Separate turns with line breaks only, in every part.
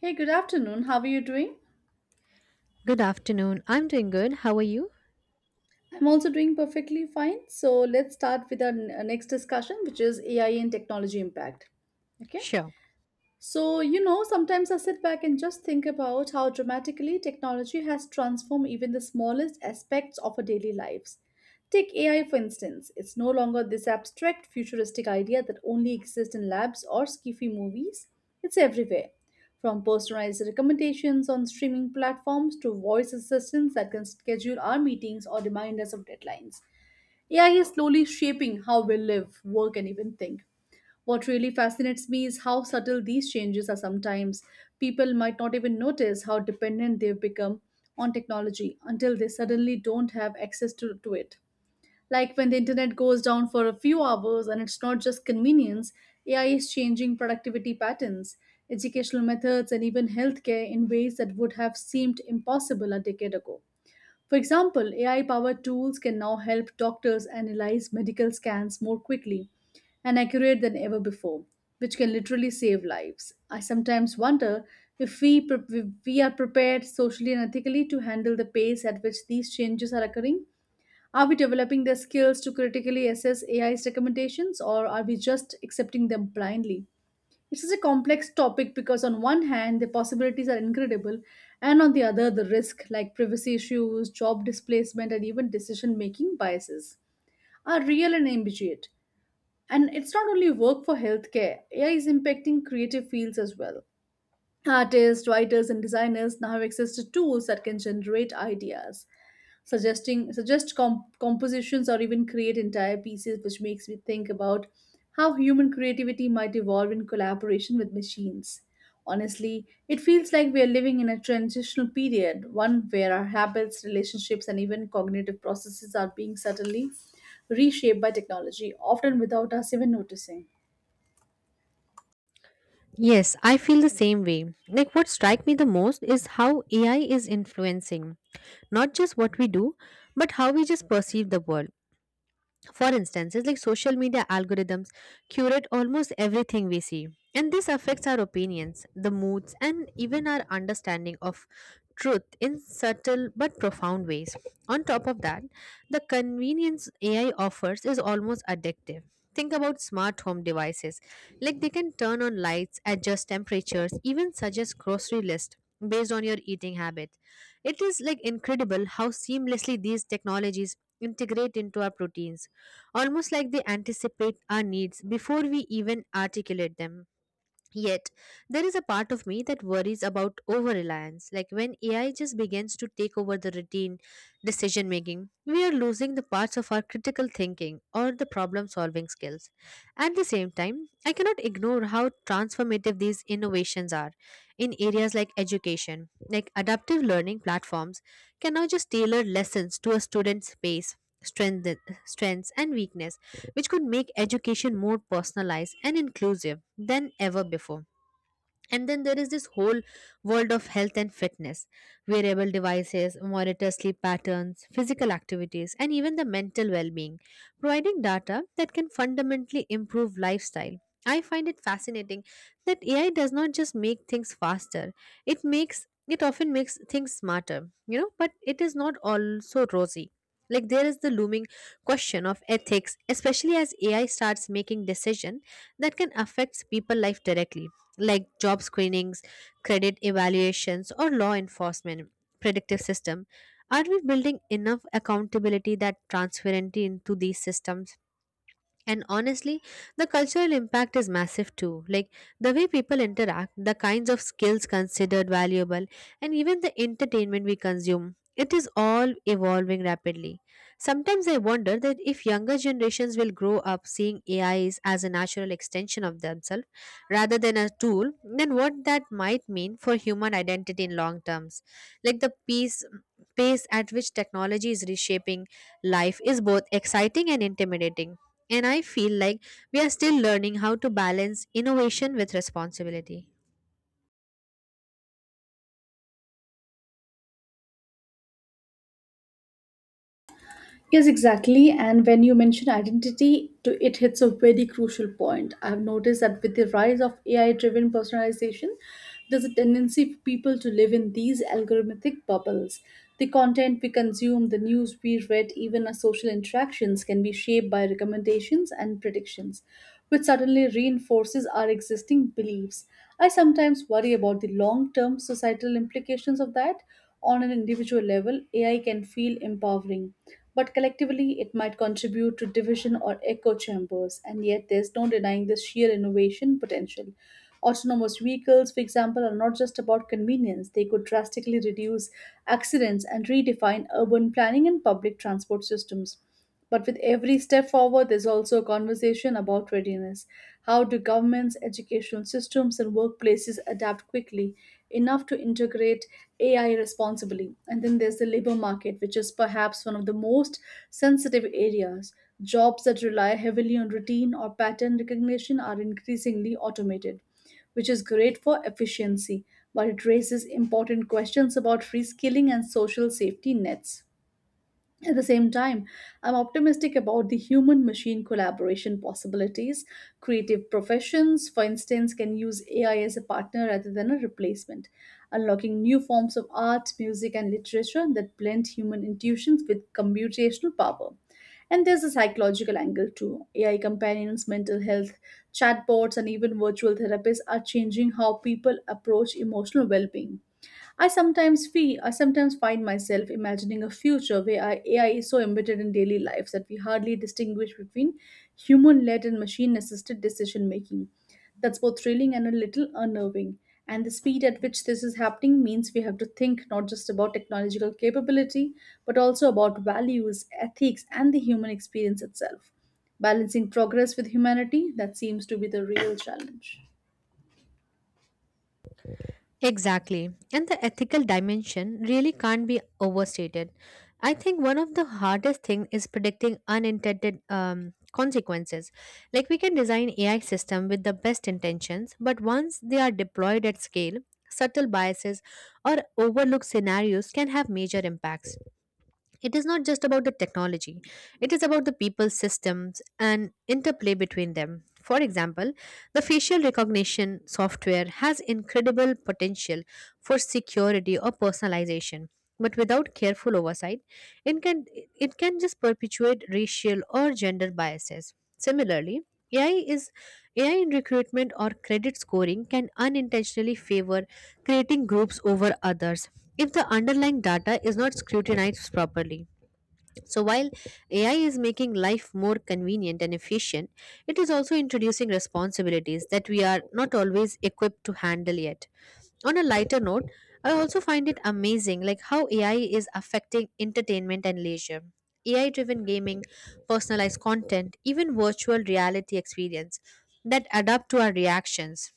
Hey, good afternoon. How are you doing?
Good afternoon. I'm doing good. How are you?
I'm also doing perfectly fine. So let's start with our next discussion, which is AI and technology impact. Okay.
Sure.
Sometimes I sit back and just think about how dramatically technology has transformed even the smallest aspects of our daily lives. Take AI, for instance. It's no longer this abstract, futuristic idea that only exists in labs or skiffy movies. It's everywhere. From personalized recommendations on streaming platforms to voice assistants that can schedule our meetings or remind us of deadlines. AI is slowly shaping how we live, work, and even think. What really fascinates me is how subtle these changes are sometimes. People might not even notice how dependent they've become on technology until they suddenly don't have access to it. Like when the internet goes down for a few hours and it's not just convenience, AI is changing productivity patterns, educational methods, and even healthcare in ways that would have seemed impossible a decade ago. For example, AI powered tools can now help doctors analyze medical scans more quickly and accurate than ever before, which can literally save lives. I sometimes wonder if we are prepared socially and ethically to handle the pace at which these changes are occurring. Are we developing the skills to critically assess AI's recommendations or are we just accepting them blindly? It's a complex topic because, on one hand, the possibilities are incredible, and on the other, the risk, like privacy issues, job displacement, and even decision making biases, are real and immediate. And it's not only work for healthcare, AI is impacting creative fields as well. Artists, writers, and designers now have access to tools that can generate ideas, compositions or even create entire pieces, which makes me think about how human creativity might evolve in collaboration with machines. Honestly, it feels like we are living in a transitional period, one where our habits, relationships, and even cognitive processes are being subtly reshaped by technology, often without us even noticing.
Yes, I feel the same way. Like what strike me the most is how AI is influencing not just what we do, but how we just perceive the world. For instance, it's like social media algorithms curate almost everything we see, and this affects our opinions, the moods, and even our understanding of truth in subtle but profound ways. On top of that, the convenience AI offers is almost addictive. Think about smart home devices. Like they can turn on lights, adjust temperatures, even suggest grocery list based on your eating habit. It is like incredible how seamlessly these technologies integrate into our proteins, almost like they anticipate our needs before we even articulate them. Yet, there is a part of me that worries about over reliance. Like when AI just begins to take over the routine decision making, we are losing the parts of our critical thinking or the problem solving skills. At the same time, I cannot ignore how transformative these innovations are in areas like education. Like adaptive learning platforms can now just tailor lessons to a student's pace, strength, strengths, and weakness, which could make education more personalized and inclusive than ever before. And then there is this whole world of health and fitness, wearable devices, monitor sleep patterns, physical activities, and even the mental well being, providing data that can fundamentally improve lifestyle. I find it fascinating that AI does not just make things faster, it makes it often makes things smarter, you know, but it is not also rosy. Like there is the looming question of ethics, especially as AI starts making decisions that can affect people's life directly, like job screenings, credit evaluations, or law enforcement predictive system. Are we building enough accountability that transparency into these systems? And honestly, the cultural impact is massive too. Like the way people interact, the kinds of skills considered valuable, and even the entertainment we consume. It is all evolving rapidly. Sometimes I wonder that if younger generations will grow up seeing AIs as a natural extension of themselves rather than a tool, then what that might mean for human identity in long terms. Like the pace at which technology is reshaping life is both exciting and intimidating, and I feel like we are still learning how to balance innovation with responsibility.
Yes, exactly. And when you mention identity, to it hits a very crucial point. I've noticed that with the rise of AI-driven personalization, there's a tendency for people to live in these algorithmic bubbles. The content we consume, the news we read, even our social interactions can be shaped by recommendations and predictions, which suddenly reinforces our existing beliefs. I sometimes worry about the long-term societal implications of that. On an individual level, AI can feel empowering but collectively it might contribute to division or echo chambers. And yet, there's no denying the sheer innovation potential. Autonomous vehicles, for example, are not just about convenience, they could drastically reduce accidents and redefine urban planning and public transport systems. But with every step forward, there's also a conversation about readiness. How do governments, educational systems, and workplaces adapt quickly enough to integrate AI responsibly? And then there's the labor market, which is perhaps one of the most sensitive areas. Jobs that rely heavily on routine or pattern recognition are increasingly automated, which is great for efficiency, but it raises important questions about reskilling and social safety nets. At the same time, I'm optimistic about the human machine collaboration possibilities. Creative professions, for instance, can use AI as a partner rather than a replacement, unlocking new forms of art, music, and literature that blend human intuitions with computational power. And there's a psychological angle too. AI companions, mental health, chatbots, and even virtual therapists are changing how people approach emotional well being. I sometimes find myself imagining a future where our AI is so embedded in daily lives that we hardly distinguish between human-led and machine-assisted decision making. That's both thrilling and a little unnerving. And the speed at which this is happening means we have to think not just about technological capability, but also about values, ethics, and the human experience itself. Balancing progress with humanity, that seems to be the real challenge.
Exactly. And the ethical dimension really can't be overstated. I think one of the hardest thing is predicting unintended consequences. Like we can design AI system with the best intentions, but once they are deployed at scale, subtle biases or overlooked scenarios can have major impacts. It is not just about the technology, it is about the people, systems and interplay between them. For example, the facial recognition software has incredible potential for security or personalization, but without careful oversight, it can just perpetuate racial or gender biases. Similarly, AI is AI in recruitment or credit scoring can unintentionally favor creating groups over others if the underlying data is not scrutinized properly. So while AI is making life more convenient and efficient, it is also introducing responsibilities that we are not always equipped to handle yet. On a lighter note, I also find it amazing like how AI is affecting entertainment and leisure. AI driven gaming, personalized content, even virtual reality experience that adapt to our reactions,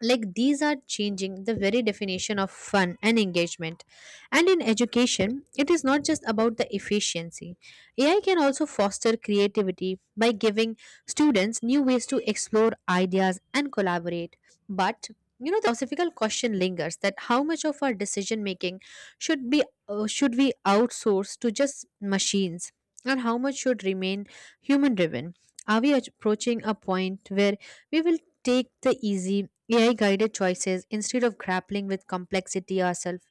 like these are changing the very definition of fun and engagement. And in education, it is not just about the efficiency. AI can also foster creativity by giving students new ways to explore ideas and collaborate. But, you know, the philosophical question lingers, that how much of our decision making should be, should we outsource to just machines, and how much should remain human driven? Are we approaching a point where we will take the easy AI guided choices instead of grappling with complexity ourselves?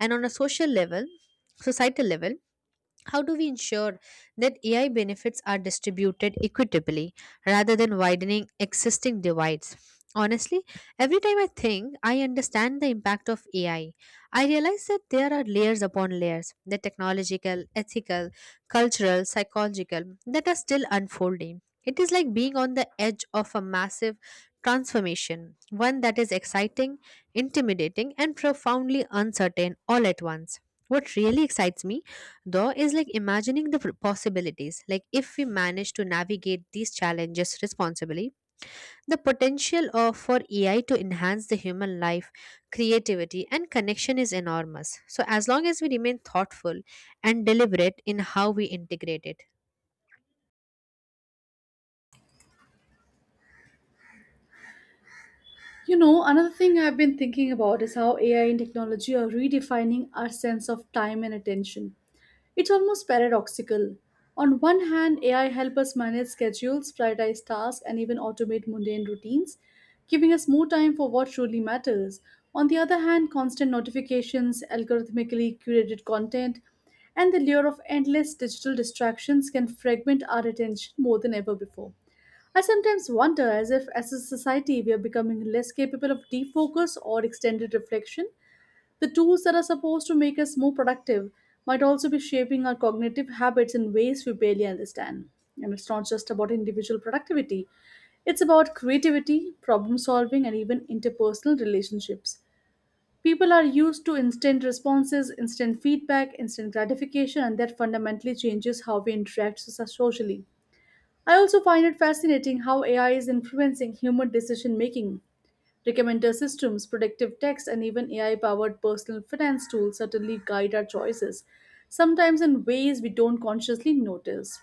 And on a social level, societal level, how do we ensure that AI benefits are distributed equitably rather than widening existing divides? Honestly, every time I think I understand the impact of AI, I realize that there are layers upon layers, the technological, ethical, cultural, psychological, that are still unfolding. It is like being on the edge of a massive transformation, one that is exciting, intimidating, and profoundly uncertain all at once. What really excites me though is like imagining the possibilities, like if we manage to navigate these challenges responsibly, the potential of for AI to enhance the human life, creativity and connection is enormous, so as long as we remain thoughtful and deliberate in how we integrate it.
You know, another thing I've been thinking about is how AI and technology are redefining our sense of time and attention. It's almost paradoxical. On one hand, AI helps us manage schedules, prioritize tasks, and even automate mundane routines, giving us more time for what truly matters. On the other hand, constant notifications, algorithmically curated content, and the lure of endless digital distractions can fragment our attention more than ever before. I sometimes wonder as if, as a society, we are becoming less capable of deep focus or extended reflection. The tools that are supposed to make us more productive might also be shaping our cognitive habits in ways we barely understand. And it's not just about individual productivity, it's about creativity, problem solving, and even interpersonal relationships. People are used to instant responses, instant feedback, instant gratification, and that fundamentally changes how we interact socially. I also find it fascinating how AI is influencing human decision making. Recommender systems, predictive text, and even AI powered personal finance tools certainly guide our choices, sometimes in ways we don't consciously notice.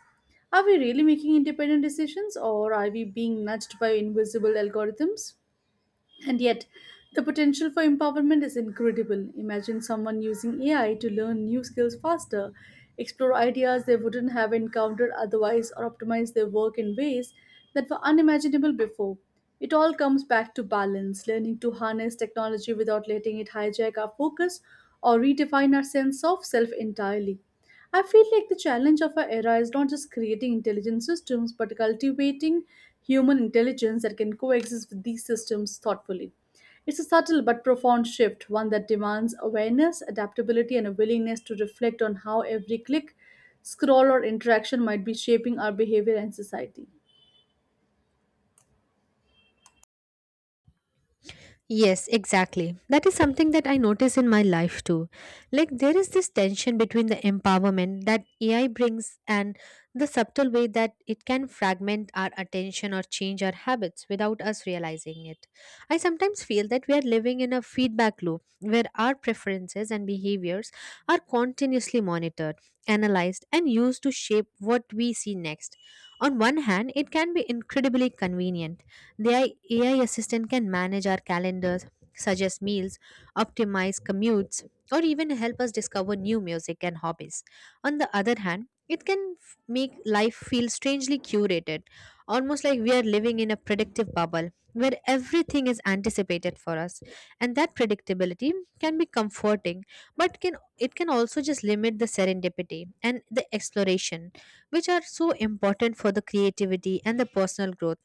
Are we really making independent decisions or are we being nudged by invisible algorithms? And yet, the potential for empowerment is incredible. Imagine someone using AI to learn new skills faster, explore ideas they wouldn't have encountered otherwise, or optimize their work in ways that were unimaginable before. It all comes back to balance, learning to harness technology without letting it hijack our focus or redefine our sense of self entirely. I feel like the challenge of our era is not just creating intelligent systems, but cultivating human intelligence that can coexist with these systems thoughtfully. It's a subtle but profound shift, one that demands awareness, adaptability, and a willingness to reflect on how every click, scroll, or interaction might be shaping our behavior and society.
Yes, exactly. That is something that I notice in my life too. Like, there is this tension between the empowerment that AI brings and the subtle way that it can fragment our attention or change our habits without us realizing it. I sometimes feel that we are living in a feedback loop where our preferences and behaviors are continuously monitored, analyzed, and used to shape what we see next. On one hand, it can be incredibly convenient. The AI assistant can manage our calendars, suggest meals, optimize commutes, or even help us discover new music and hobbies. On the other hand, it can make life feel strangely curated, almost like we are living in a predictive bubble where everything is anticipated for us. And that predictability can be comforting, but can also just limit the serendipity and the exploration, which are so important for the creativity and the personal growth.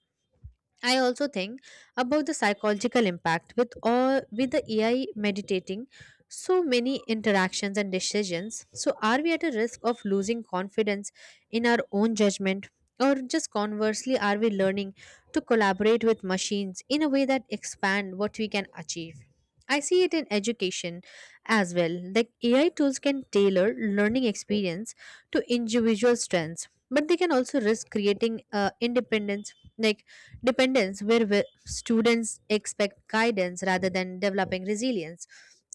I also think about the psychological impact, with all with the AI meditating so many interactions and decisions. So are we at a risk of losing confidence in our own judgment? Or just conversely, are we learning to collaborate with machines in a way that expand what we can achieve? I see it in education as well. Like AI tools can tailor learning experience to individual strengths, but they can also risk creating independence like dependence, where students expect guidance rather than developing resilience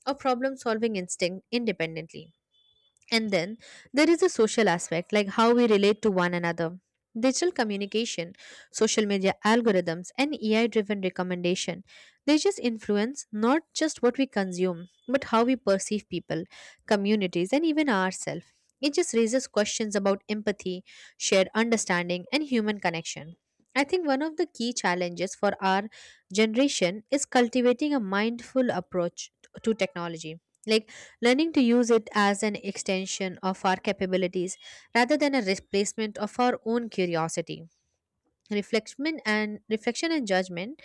or problem solving instinct independently. And then there is a social aspect, like how we relate to one another. Digital communication, social media algorithms, and AI driven recommendation. They just influence not just what we consume, but how we perceive people, communities, and even ourselves. It just raises questions about empathy, shared understanding, and human connection. I think one of the key challenges for our generation is cultivating a mindful approach to technology. Like learning to use it as an extension of our capabilities rather than a replacement of our own curiosity. Reflection and judgment.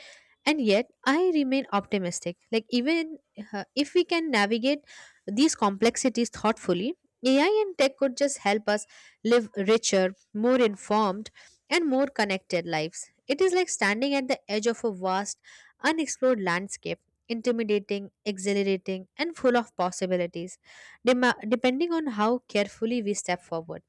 And yet, I remain optimistic. Like, even if we can navigate these complexities thoughtfully, AI and tech could just help us live richer, more informed, and more connected lives. It is like standing at the edge of a vast unexplored landscape, intimidating, exhilarating, and full of possibilities, depending on how carefully we step forward.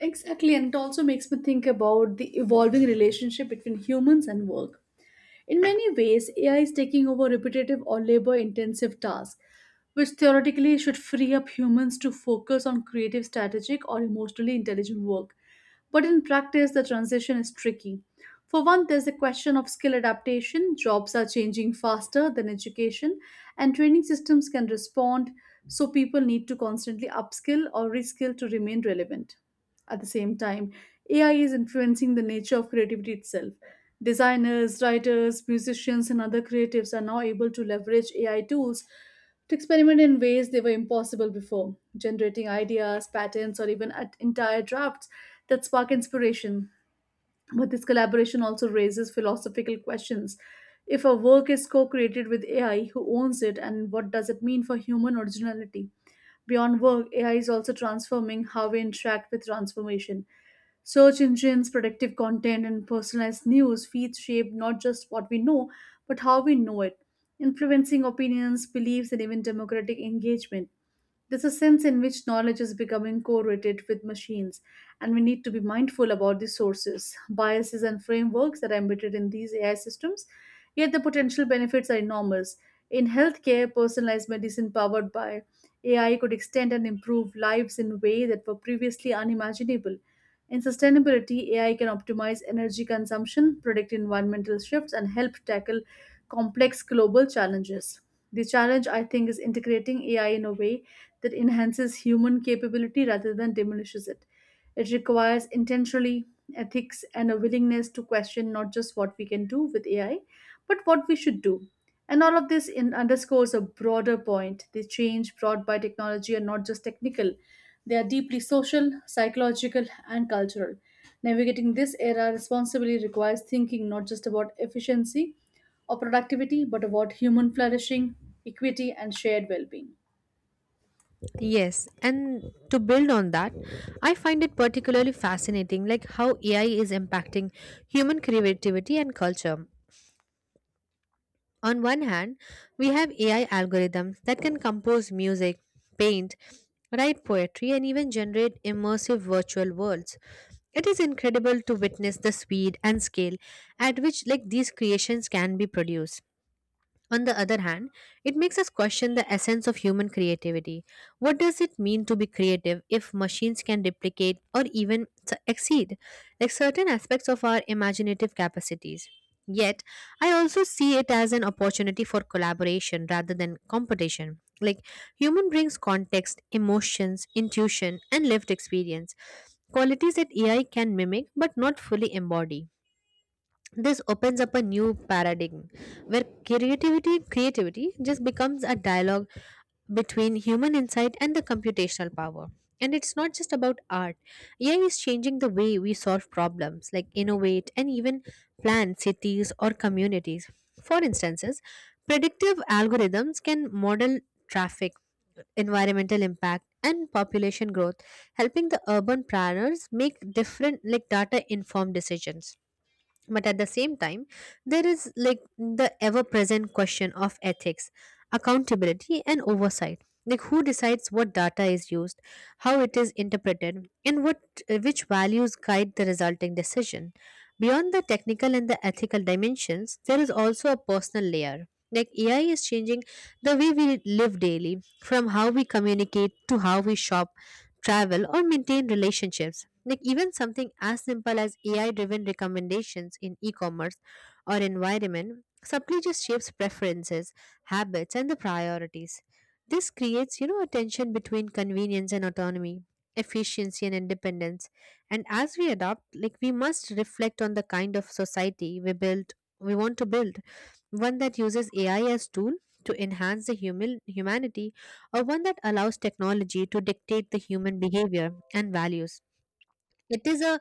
Exactly, and it also makes me think about the evolving relationship between humans and work. In many ways, AI is taking over repetitive or labor intensive tasks, which theoretically should free up humans to focus on creative, strategic, or emotionally intelligent work. But in practice, the transition is tricky. For one, there's the question of skill adaptation. Jobs are changing faster than education, and training systems can respond, so people need to constantly upskill or reskill to remain relevant. At the same time, AI is influencing the nature of creativity itself. Designers, writers, musicians, and other creatives are now able to leverage AI tools to experiment in ways they were impossible before, generating ideas, patterns, or even at entire drafts that spark inspiration. But this collaboration also raises philosophical questions. If a work is co created with AI, who owns it and what does it mean for human originality? Beyond work, AI is also transforming how we interact with transformation. Search engines, predictive content, and personalized news feeds shape not just what we know, but how we know it, influencing opinions, beliefs, and even democratic engagement. There's a sense in which knowledge is becoming correlated with machines, and we need to be mindful about the sources, biases, and frameworks that are embedded in these AI systems. Yet the potential benefits are enormous. In healthcare, personalized medicine powered by AI could extend and improve lives in ways that were previously unimaginable. In sustainability, AI can optimize energy consumption, predict environmental shifts, and help tackle complex global challenges. The challenge, I think, is integrating AI in a way that enhances human capability rather than diminishes it. It requires intentionally ethics and a willingness to question not just what we can do with AI, but what we should do. And all of this in underscores a broader point. The change brought by technology are not just technical, they are deeply social, psychological, and cultural. Navigating this era responsibly requires thinking not just about efficiency or productivity, but about human flourishing, equity, and shared well being.
Yes, and to build on that, I find it particularly fascinating like how AI is impacting human creativity and culture. On one hand, we have AI algorithms that can compose music, paint, write poetry, and even generate immersive virtual worlds. It is incredible to witness the speed and scale at which like these creations can be produced. On the other hand, it makes us question the essence of human creativity. What does it mean to be creative if machines can replicate or even exceed like certain aspects of our imaginative capacities? Yet, I also see it as an opportunity for collaboration rather than competition. Like human brings context, emotions, intuition, and lived experience, qualities that AI can mimic but not fully embody. This opens up a new paradigm where creativity just becomes a dialogue between human insight and the computational power. And it's not just about art. AI is changing the way we solve problems, like innovate and even plan cities or communities. For instances, predictive algorithms can model traffic, environmental impact, and population growth, helping the urban planners make different, like, data informed decisions. But at the same time, there is like the ever present question of ethics, accountability and oversight, like who decides what data is used, how it is interpreted, and what, which values guide the resulting decision. Beyond the technical and the ethical dimensions, there is also a personal layer, like AI is changing the way we live daily, from how we communicate to how we shop, travel, or maintain relationships. Like even something as simple as AI driven recommendations in e commerce or environment subtly just shapes preferences, habits, and the priorities. This creates, you know, a tension between convenience and autonomy, efficiency and independence. And as we adopt, like we must reflect on the kind of society we build, we want to build one that uses AI as tool to enhance the humanity, or one that allows technology to dictate the human behavior and values. It is a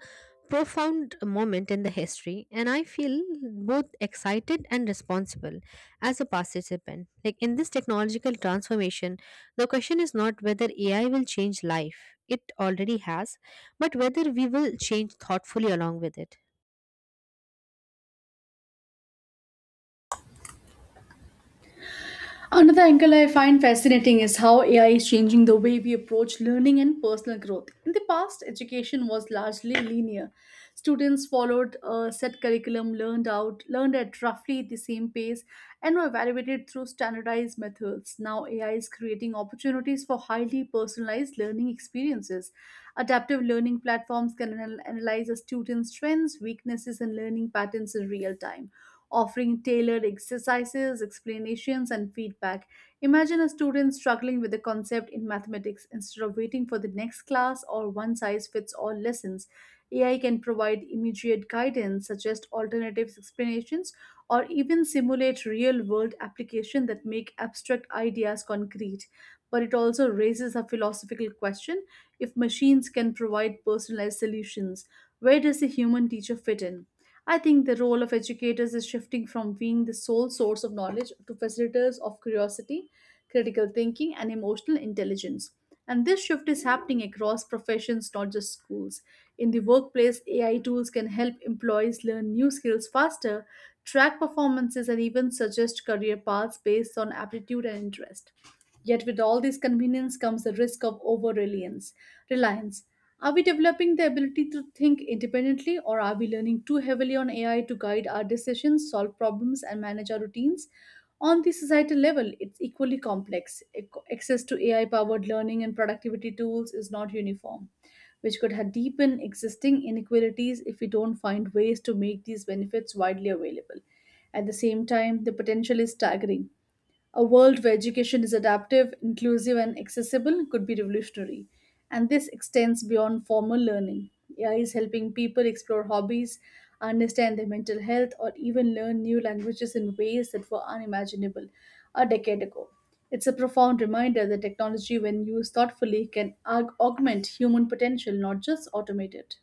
profound moment in the history, and I feel both excited and responsible as a participant. Like in this technological transformation, the question is not whether AI will change life, it already has, but whether we will change thoughtfully along with it.
Another angle I find fascinating is how AI is changing the way we approach learning and personal growth. In the past, education was largely linear. Students followed a set curriculum, learned at roughly the same pace, and were evaluated through standardized methods. Now, AI is creating opportunities for highly personalized learning experiences. Adaptive learning platforms can analyze a student's strengths, weaknesses, and learning patterns in real time, offering tailored exercises, explanations, and feedback. Imagine a student struggling with a concept in mathematics instead of waiting for the next class or one size fits all lessons. AI can provide immediate guidance, suggest alternative explanations, or even simulate real world application that make abstract ideas concrete. But it also raises a philosophical question: if machines can provide personalized solutions, where does the human teacher fit in? I think the role of educators is shifting from being the sole source of knowledge to facilitators of curiosity, critical thinking, and emotional intelligence. And this shift is happening across professions, not just schools. In the workplace, AI tools can help employees learn new skills faster, track performances, and even suggest career paths based on aptitude and interest. Yet with all this convenience comes the risk of over reliance. Reliance. Are we developing the ability to think independently, or are we leaning too heavily on AI to guide our decisions, solve problems, and manage our routines? On the societal level, it's equally complex. Access to AI powered learning and productivity tools is not uniform, which could have deepened existing inequalities if we don't find ways to make these benefits widely available. At the same time, the potential is staggering. A world where education is adaptive, inclusive, and accessible could be revolutionary. And this extends beyond formal learning. AI is helping people explore hobbies, understand their mental health, or even learn new languages in ways that were unimaginable a decade ago. It's a profound reminder that technology, when used thoughtfully, can augment human potential, not just automate it.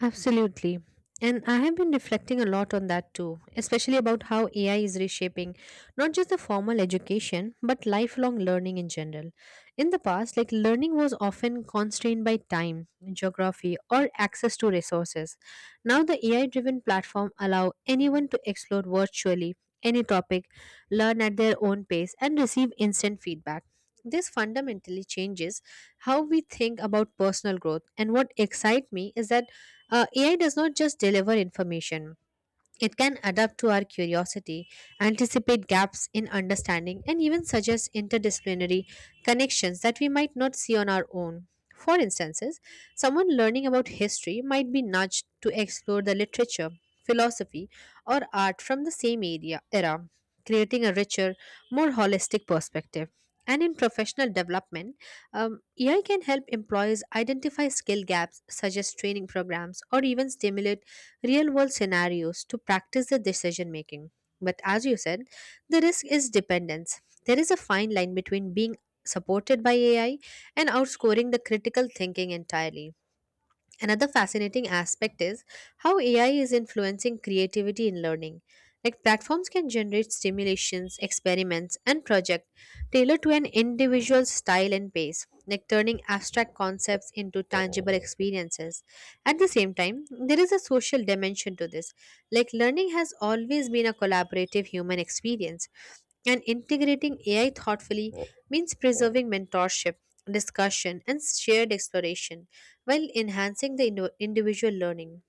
Absolutely. And I have been reflecting a lot on that too, especially about how AI is reshaping not just the formal education, but lifelong learning in general. In the past, like learning was often constrained by time, geography, or access to resources. Now the AI driven platform allow anyone to explore virtually any topic, learn at their own pace, and receive instant feedback. This fundamentally changes how we think about personal growth. And what excites me is that AI does not just deliver information, it can adapt to our curiosity, anticipate gaps in understanding, and even suggest interdisciplinary connections that we might not see on our own. For instances, someone learning about history might be nudged to explore the literature, philosophy, or art from the same era, creating a richer, more holistic perspective. And in professional development, AI can help employers identify skill gaps, suggest training programs, or even stimulate real world scenarios to practice the decision making. But as you said, the risk is dependence. There is a fine line between being supported by AI and outscoring the critical thinking entirely. Another fascinating aspect is how AI is influencing creativity in learning. Like platforms can generate stimulations, experiments, and projects tailored to an individual's style and pace, like turning abstract concepts into tangible experiences. At the same time, there is a social dimension to this. Like learning has always been a collaborative human experience, and integrating AI thoughtfully means preserving mentorship, discussion, and shared exploration while enhancing the individual learning.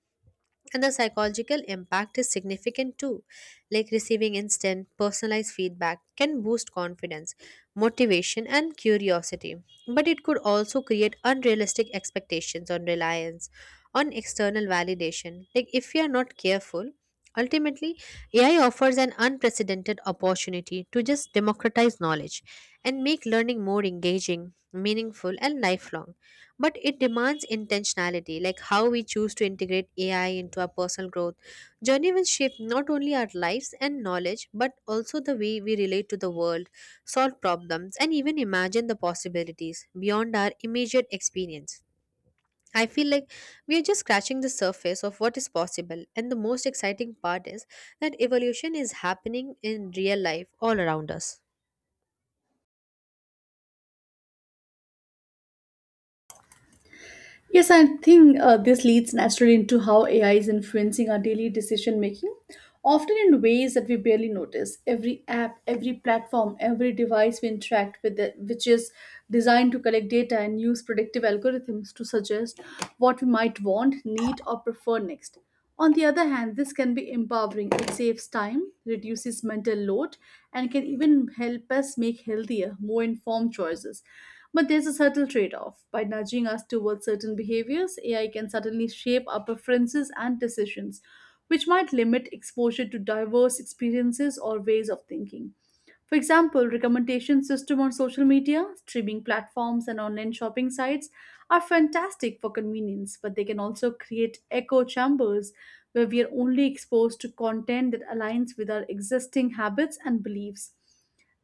And the psychological impact is significant too. Like receiving instant, personalized feedback can boost confidence, motivation, and curiosity. But it could also create unrealistic expectations on reliance, on external validation. Like if we are not careful, ultimately, AI offers an unprecedented opportunity to just democratize knowledge and make learning more engaging, meaningful, and lifelong but it demands intentionality like how we choose to integrate ai into our personal growth journey will shape not only our lives and knowledge but also the way we relate to the world solve problems and even imagine the possibilities beyond our immediate experience. I feel like we are just scratching the surface of what is possible, and the most exciting part is that evolution is happening in real life all around us.
Yes, I think this leads naturally into how AI is influencing our daily decision making, often in ways that we barely notice. Every app, every platform, every device we interact with, it, which is designed to collect data and use predictive algorithms to suggest what we might want, need, or prefer next. On the other hand, this can be empowering. It saves time, reduces mental load, and can even help us make healthier, more informed choices. But there's a subtle trade off. By nudging us towards certain behaviors, AI can suddenly shape our preferences and decisions, which might limit exposure to diverse experiences or ways of thinking. For example, recommendation system on social media, streaming platforms, and online shopping sites are fantastic for convenience, but they can also create echo chambers where we are only exposed to content that aligns with our existing habits and beliefs.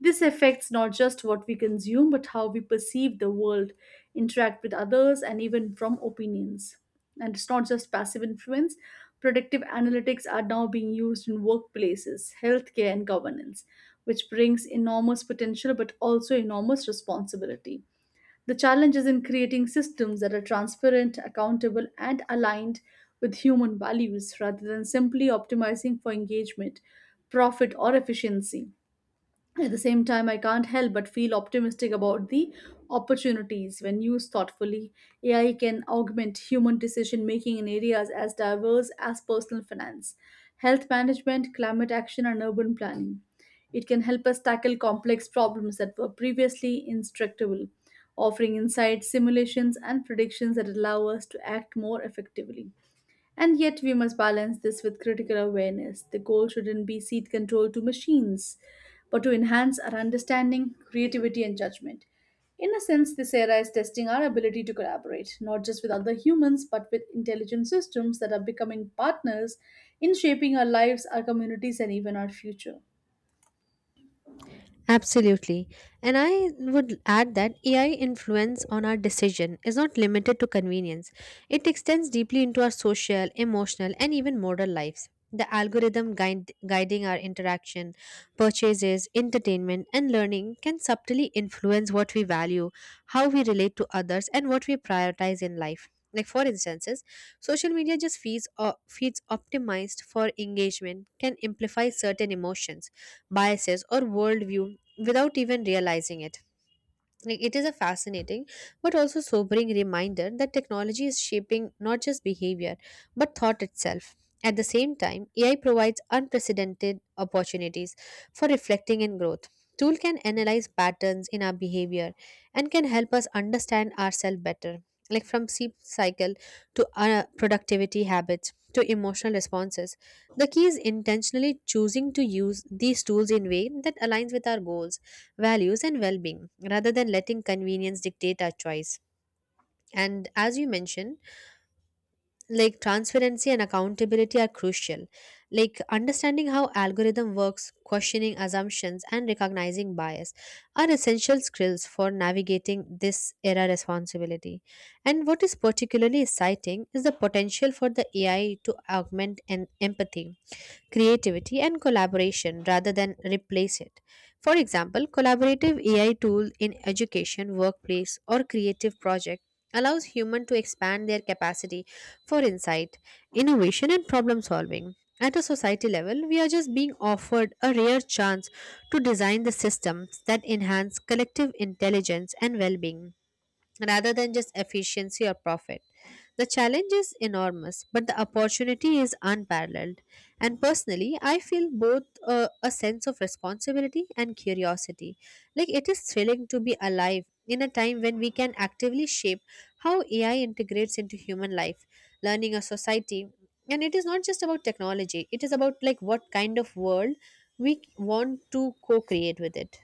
This affects not just what we consume, but how we perceive the world, interact with others, and even from opinions. And it's not just passive influence. Predictive analytics are now being used in workplaces, healthcare, and governance, which brings enormous potential but also enormous responsibility. The challenge is in creating systems that are transparent, accountable, and aligned with human values rather than simply optimizing for engagement, profit, or efficiency. At the same time, I can't help but feel optimistic about the opportunities when used thoughtfully. AI can augment human decision making in areas as diverse as personal finance, health management, climate action, and urban planning. It can help us tackle complex problems that were previously intractable, offering insights, simulations, and predictions that allow us to act more effectively. And yet, we must balance this with critical awareness. The goal shouldn't be seed control to machines, but to enhance our understanding, creativity, and judgment. In a sense, this era is testing our ability to collaborate, not just with other humans, but with intelligent systems that are becoming partners in shaping our lives, our communities, and even our future.
Absolutely. And I would add that AI influence on our decision is not limited to convenience. It extends deeply into our social, emotional, and even moral lives. The guiding our interaction, purchases, entertainment, and learning can subtly influence what we value, how we relate to others, and what we prioritize in life. Like, for instances, social media just feeds, or feeds optimized for engagement can amplify certain emotions biases or worldview without even realizing it. Like, it is a fascinating but also sobering reminder that technology is shaping not just behavior but thought itself. At the same time, AI provides unprecedented opportunities for reflecting and growth. Tool can analyze patterns in our behavior and can help us understand ourselves better, like from sleep cycle to our productivity habits to emotional responses. The key is intentionally choosing to use these tools in way that aligns with our goals values, and well being, rather than letting convenience dictate our choice. And as you mentioned, like transparency and accountability are crucial. Like understanding how algorithm works, questioning assumptions, and recognizing bias are essential skills for navigating this era responsibility. And what is particularly exciting is the potential for the AI to augment an empathy creativity and collaboration rather than replace it. For example, collaborative AI tool in education, workplace, or creative project allows human to expand their capacity for insight, innovation, and problem solving. At a society level, we are just being offered a rare chance to design the systems that enhance collective intelligence and well-being rather than just efficiency or profit. The challenge is enormous, but the opportunity is unparalleled. And personally, I feel both a sense of responsibility and curiosity. Like it is thrilling to be alive in a time when we can actively shape how AI integrates into human life, learning a society. And it is not just about technology, it is about like what kind of world we want to co create with it.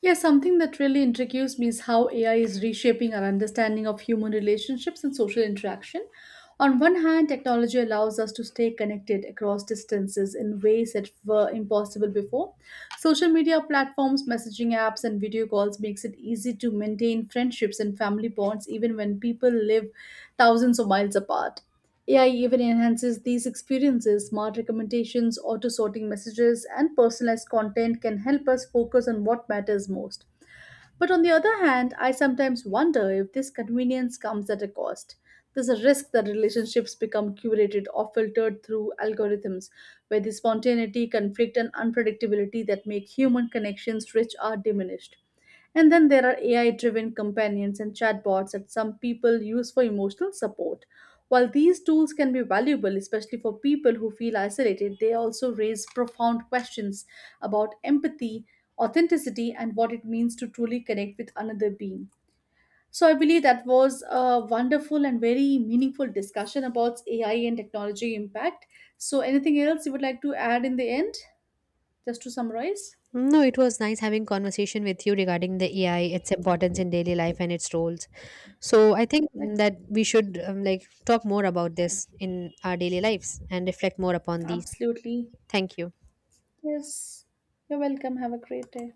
Yeah, something that really intrigues me is how AI is reshaping our understanding of human relationships and social interaction. On one hand, technology allows us to stay connected across distances in ways that were impossible before. Social media platforms, messaging apps, and video calls makes it easy to maintain friendships and family bonds even when people live thousands of miles apart. AI even enhances these experiences. Smart recommendations, auto sorting messages, and personalized content can help us focus on what matters most. But on the other hand, I sometimes wonder if this convenience comes at a cost. There's a risk that relationships become curated or filtered through algorithms, where the spontaneity, conflict, and unpredictability that make human connections rich are diminished. And then there are AI driven companions and chatbots that some people use for emotional support. While these tools can be valuable, especially for people who feel isolated, they also raise profound questions about empathy, authenticity, and what it means to truly connect with another being. So I believe that was a wonderful and very meaningful discussion about AI and technology impact. So anything else you would like to add in the end, just to summarize?
No, it was nice having conversation with you regarding the AI, its importance in daily life and its roles. So I think
Like,
that we should like talk more about this in our daily lives and reflect more upon these.
absolutely.
Thank you.
Yes. You're welcome. Have a great day.